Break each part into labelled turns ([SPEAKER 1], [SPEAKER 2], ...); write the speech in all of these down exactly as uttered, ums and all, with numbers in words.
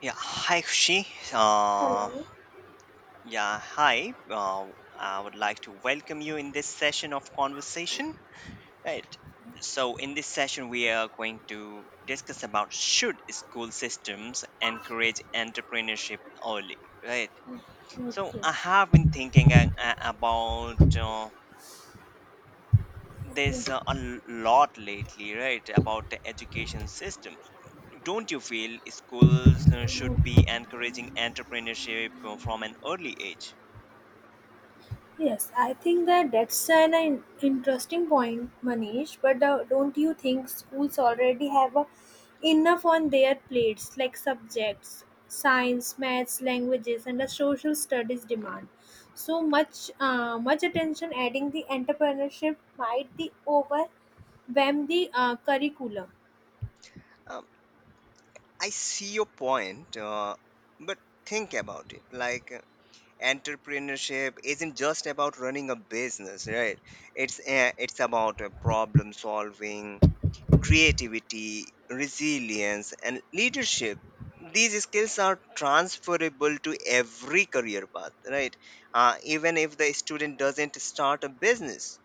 [SPEAKER 1] Yeah, hi Kushi. Uh,
[SPEAKER 2] Hello.
[SPEAKER 1] yeah, hi. Uh, I would like to welcome you in this session of conversation. Right. So, in this session, we are going to discuss about should school systems encourage entrepreneurship early, right? So,
[SPEAKER 2] Okay.
[SPEAKER 1] I have been thinking a- a- about uh, this uh, a l- lot lately, right? About the education systems. Don't you feel schools uh, should be encouraging entrepreneurship uh, from an early age?
[SPEAKER 2] Yes, I think that that's an in- interesting point, Manish. But uh, don't you think schools already have uh, enough on their plates, like subjects, science, maths, languages, and the social studies demand? So much, uh, much attention adding the entrepreneurship might the overwhelm the uh, curriculum.
[SPEAKER 1] Um, I see your point, uh, but think about it. Like, uh, entrepreneurship isn't just about running a business, right? It's uh, it's about uh, problem solving, creativity, resilience, and leadership. These skills are transferable to every career path, right? Uh, even if the student doesn't start a business.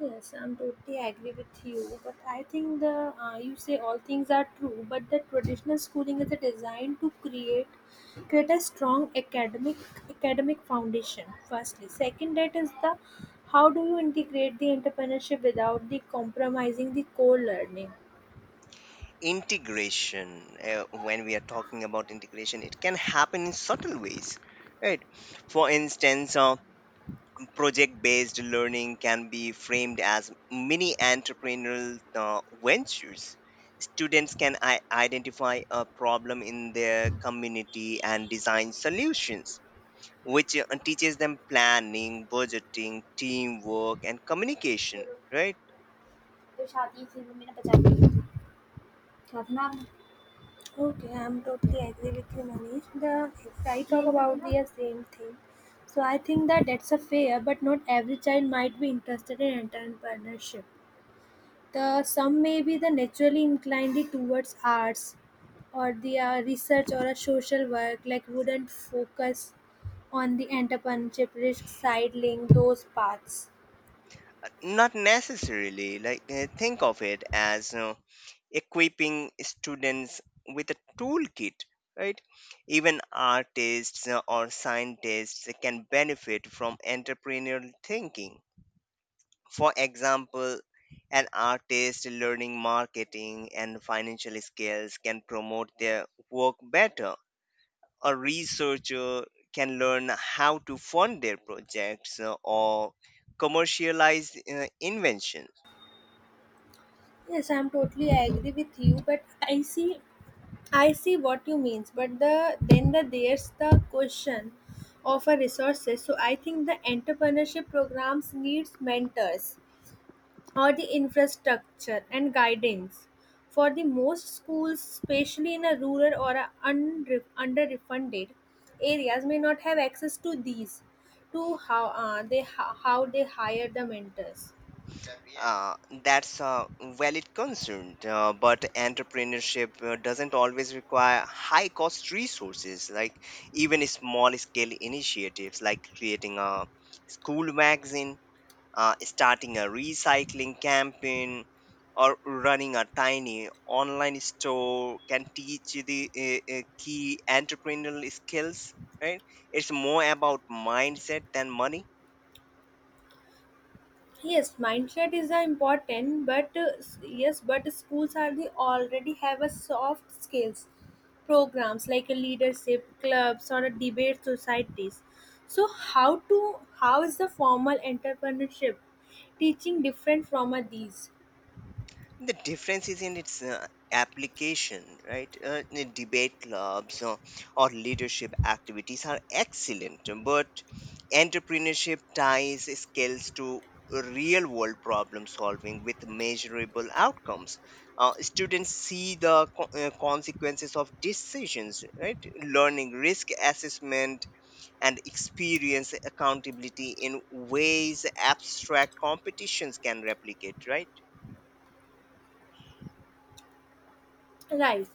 [SPEAKER 2] Yes, I'm totally agree with you. But I think the uh, you say all things are true, but the traditional schooling is a designed to create create a strong academic academic foundation. Firstly, second, that is the how do you integrate the entrepreneurship without the compromising the core learning?
[SPEAKER 1] Integration, uh, when we are talking about integration, it can happen in subtle ways, right? For instance, uh, project based learning can be framed as mini entrepreneurial uh, ventures. Students can I- identify a problem in their community and design solutions, which uh, teaches them planning, budgeting, teamwork and communication, right?
[SPEAKER 2] तो शादी film में ना बचा ली साधना. Okay, I'm totally agree with you, Manish. The if I talk about the same thing. So I think that that's a fair, but not every child might be interested in entrepreneurship. The some may be the naturally inclined towards arts, or the uh, research or a social work like wouldn't focus on the entrepreneurship risk sidling those paths.
[SPEAKER 1] Not necessarily. Like uh, think of it as you know, equipping students with a toolkit, right? Even artists uh, or scientists can benefit from entrepreneurial thinking. For example, an artist learning marketing and financial skills can promote their work better. A researcher can learn how to fund their projects, uh, or commercialize uh, invention.
[SPEAKER 2] Yes, I'm totally agree with you, but I see I see what you means, but the then the there's the question of a resources. So I think the entrepreneurship programs needs mentors or the infrastructure and guidance. For the most schools, especially in a rural or a unre- underfunded areas, may not have access to these. To how uh, they how how they hire the mentors.
[SPEAKER 1] Uh, that's a valid concern, uh, but entrepreneurship uh, doesn't always require high cost resources. Like, even small scale initiatives, like creating a school magazine, uh, starting a recycling campaign, or running a tiny online store, can teach you the uh, uh, key entrepreneurial skills. Right? It's more about mindset than money.
[SPEAKER 2] Yes, mindset is uh, important, but uh, s- yes, but schools are the already have a soft skills programs like a leadership clubs or a debate societies. So how to how is the formal entrepreneurship teaching different from uh, these?
[SPEAKER 1] The difference is in its uh, application, right? Uh, the debate clubs uh, or leadership activities are excellent, but entrepreneurship ties skills to real world problem solving with measurable outcomes. Uh, students see the co- uh, consequences of decisions, right? Learning risk assessment and experience accountability in ways abstract competitions can replicate, right?
[SPEAKER 2] Right.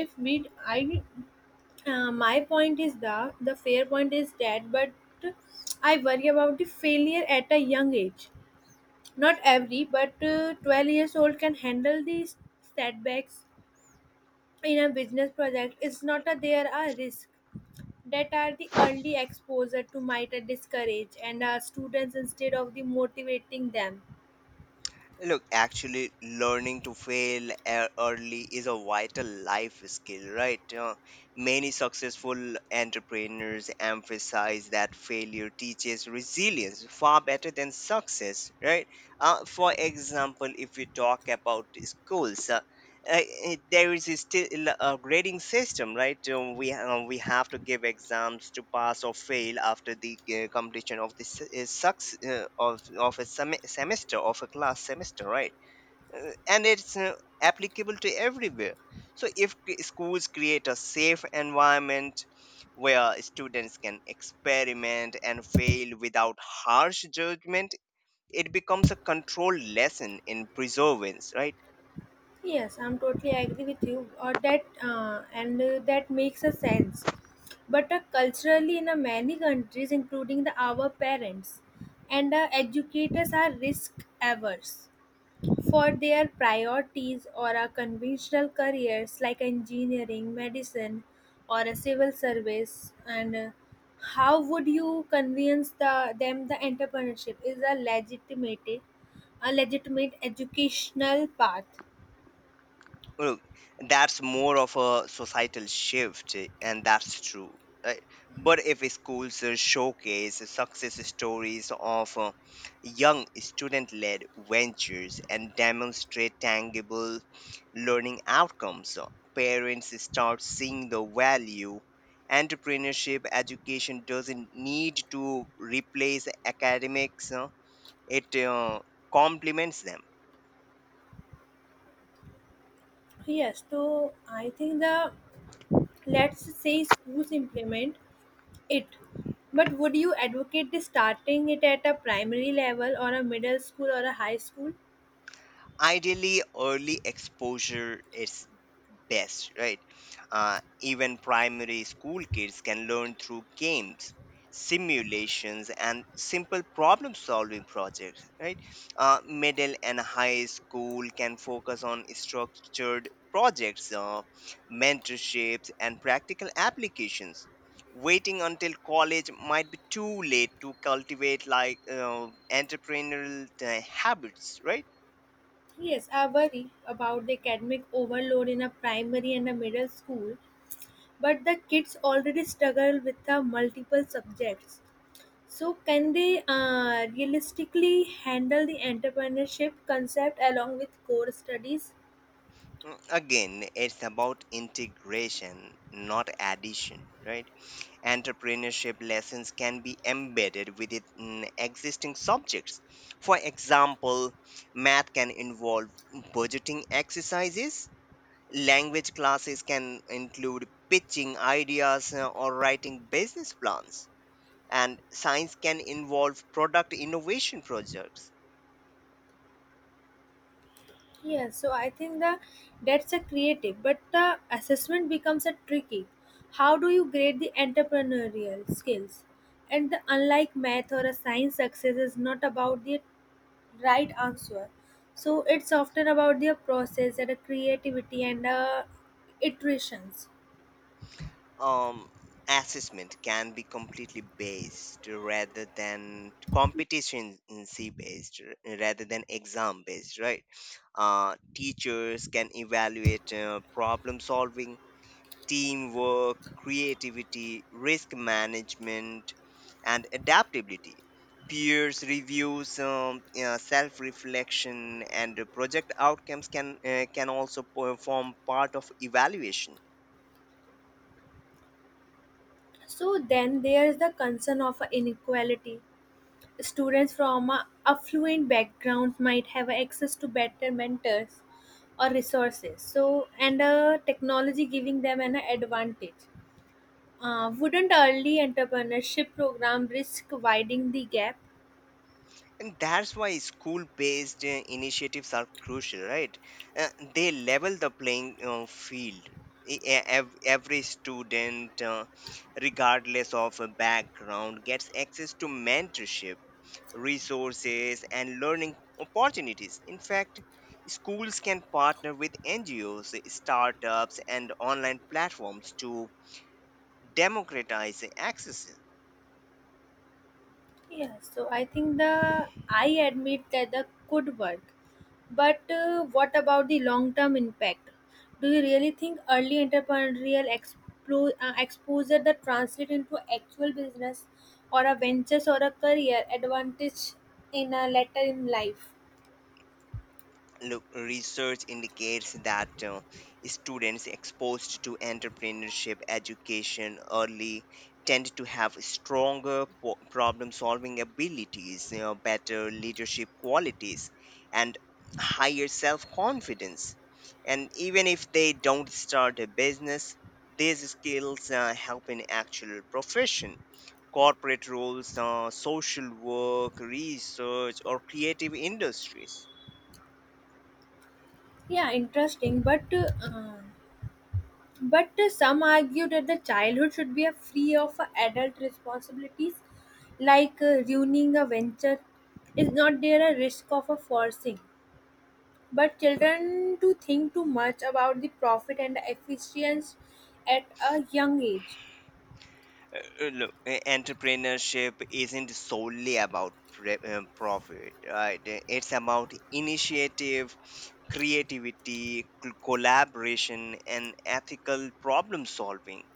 [SPEAKER 2] if we I uh, My point is the the fair point is that, but I worry about the failure at a young age. Not every, but uh, twelve years old can handle these setbacks in a business project. It's not that there are risks that are the early exposure to might discourage and our students instead of the motivating them.
[SPEAKER 1] Look, actually, learning to fail e- early is a vital life skill, right? Uh, many successful entrepreneurs emphasize that failure teaches resilience far better than success, right? Uh, for example, if we talk about schools, uh, uh, it- there is still a grading system, right? Um, we um, we have to give exams to pass or fail after the uh, completion of the s- uh, sucks uh, of of a sem- semester of a class semester, right? Uh, and it's uh, applicable to everywhere. So if c- schools create a safe environment where students can experiment and fail without harsh judgment, it becomes a controlled lesson in perseverance, right?
[SPEAKER 2] Yes, I'm totally agree with you or that, uh, and uh, that makes a sense. But uh, culturally in uh, many countries including the our parents and uh, educators are risk averse for their priorities or our conventional careers like engineering, medicine, or a civil service? And uh, how would you convince the them the entrepreneurship is a legitimate, a legitimate educational path?
[SPEAKER 1] Well, that's more of a societal shift, eh, and that's true. Right? But if schools uh, showcase success stories of uh, young student led ventures and demonstrate tangible learning outcomes, uh, parents start seeing the value. Entrepreneurship education doesn't need to replace academics, uh, it uh, complements them.
[SPEAKER 2] Yes, so I think the let's say schools implement it. But would you advocate the starting it at a primary level or a middle school or a high school?
[SPEAKER 1] Ideally, early exposure is best, right? Uh, even primary school kids can learn through games, simulations, and simple problem solving projects, right? Uh, middle and high school can focus on structured projects, uh, mentorships, and practical applications. Waiting until college might be too late to cultivate like uh, entrepreneurial uh, habits, right?
[SPEAKER 2] Yes, I worry about the academic overload in a primary and a middle school, but the kids already struggle with the multiple subjects. So, can they uh, realistically handle the entrepreneurship concept along with core studies?
[SPEAKER 1] Mm, Again, it's about integration, not addition, right? Entrepreneurship lessons can be embedded within mm, existing subjects. For example, math can involve budgeting exercises, language classes can include pitching ideas, uh, or writing business plans, and science can involve product innovation projects.
[SPEAKER 2] Yes, so I think the that's a creative, but the assessment becomes a tricky. How do you grade the entrepreneurial skills? And the unlike math or a science success is not about the right answer. So it's often about their process and the creativity and uh, iterations.
[SPEAKER 1] um, Assessment can be completely based rather than competition based, r- rather than exam based, right? Uh, teachers can evaluate uh, problem solving, teamwork, creativity, risk management, and adaptability. Peers reviews, um, uh, self reflection, and uh, project outcomes can, uh, can also perform part of evaluation.
[SPEAKER 2] So then there is the concern of inequality. Students from a affluent backgrounds might have access to better mentors or resources. So and uh, technology giving them an advantage. Uh, wouldn't early entrepreneurship program risk widening the gap?
[SPEAKER 1] And that's why school based initiatives are crucial, right? Uh, they level the playing uh, field. E- e- ev- Every student, uh, regardless of a background, gets access to mentorship, resources, and learning opportunities. In fact, schools can partner with N G Os, startups, and online platforms to democratize access.
[SPEAKER 2] Yeah, so I think the I admit that the could work, but uh, what about the long-term impact? Do you really think early entrepreneurial expo- uh, exposure that translate into actual business or a ventures or a career advantage in a later in life?
[SPEAKER 1] Look, research indicates that uh, students exposed to entrepreneurship education early tend to have stronger po- problem-solving abilities, you know, better leadership qualities, and higher self-confidence. And even if they don't start a business, these skills uh, help in actual profession, corporate roles, uh, social work, research, or creative industries.
[SPEAKER 2] Yeah, interesting, but uh, But uh, some argue that the childhood should be a free of uh, adult responsibilities, like uh, ruining a venture. Is not there a risk of a forcing? But children to think too much about the profit and the efficiency at a young age.
[SPEAKER 1] Uh, uh, look, uh, entrepreneurship isn't solely about pre- uh, profit, right? Uh, It's about initiative, creativity, cl- collaboration, and ethical problem solving.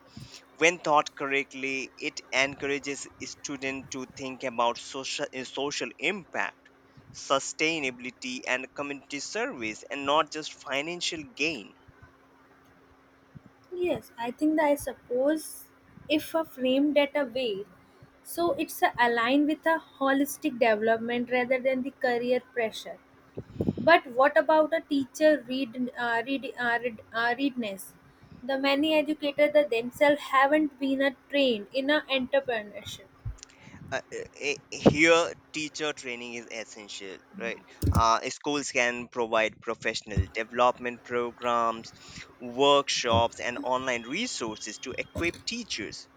[SPEAKER 1] When taught correctly, it encourages students to think about social, uh, social impact, sustainability, and community service, and not just financial gain.
[SPEAKER 2] Yes, I think that I suppose if uh, framed at a way, so it's uh, aligned with a holistic development rather than the career pressure. But what about a teacher read, uh, read, uh, read, uh, readiness? The many educators that themselves haven't been uh, trained in a entrepreneurship.
[SPEAKER 1] Uh, uh, here teacher training is essential, right? Uh, schools can provide professional development programs, workshops and online resources to equip teachers,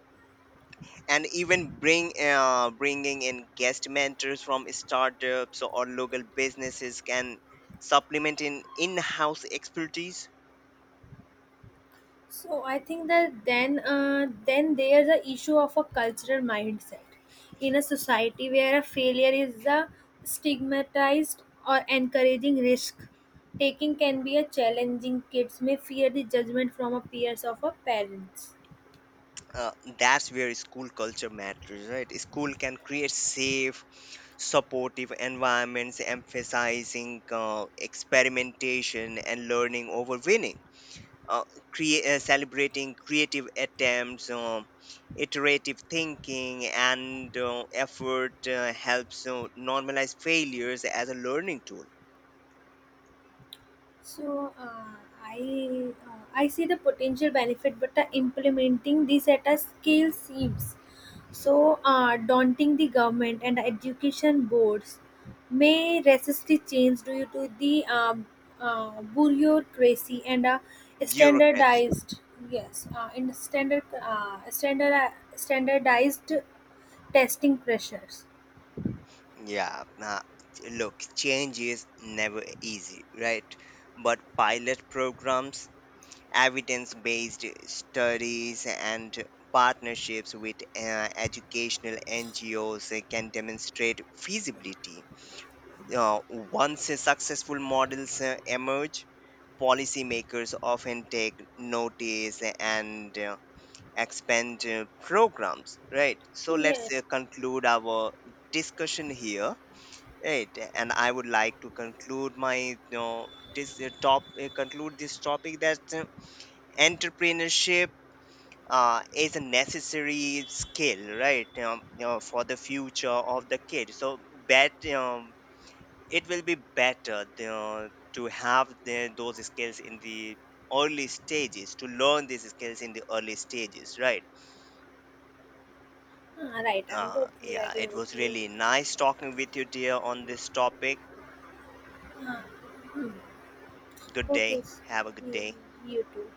[SPEAKER 1] and even bring uh, bringing in guest mentors from startups or local businesses can supplement in in-house expertise.
[SPEAKER 2] So I think that then uh, then there's a issue of a cultural mindset in a society where a failure is a stigmatized or encouraging risk. Taking can be a challenging. Kids may fear the judgment from a peers of a parents.
[SPEAKER 1] uh, that's where school culture matters, right? School can create safe, supportive environments, emphasizing uh, experimentation and learning over winning, uh, crea- uh, celebrating creative attempts, um iterative thinking, and uh, effort uh, helps uh, normalize failures as a learning tool.
[SPEAKER 2] So uh, I uh, I see the potential benefit, but uh, implementing this at a scale seems so uh, daunting. The government and education boards may resist the change due to the um, uh, bureaucracy and uh,
[SPEAKER 1] Bureaucracy.
[SPEAKER 2] standardized. Yes, uh, and standard uh, standard uh, standardized testing pressures.
[SPEAKER 1] Yeah. Nah, ch- look, change is never easy, right? But pilot programs, evidence based studies, and partnerships with uh, educational N G Os uh, can demonstrate feasibility. Uh, once uh, successful models uh, emerge, policymakers often take notice and uh, expand uh, programs, right? So
[SPEAKER 2] Yeah,
[SPEAKER 1] let's uh, conclude our discussion here. Right, and I would like to conclude my you know, this uh, top uh, conclude this topic that uh, entrepreneurship uh, is a necessary skill, right? Um, you know, for the future of the kid, so bet um, it will be better, you know, to have the, those skills in the early stages, to learn these skills in the early stages, right?
[SPEAKER 2] ah right. I'm
[SPEAKER 1] Uh,
[SPEAKER 2] totally
[SPEAKER 1] yeah,
[SPEAKER 2] agree
[SPEAKER 1] it
[SPEAKER 2] with
[SPEAKER 1] was
[SPEAKER 2] you.
[SPEAKER 1] really nice talking with you, dear, on this topic.
[SPEAKER 2] Uh,
[SPEAKER 1] Good
[SPEAKER 2] okay,
[SPEAKER 1] day.
[SPEAKER 2] s-
[SPEAKER 1] Have a good
[SPEAKER 2] you
[SPEAKER 1] day.
[SPEAKER 2] you too.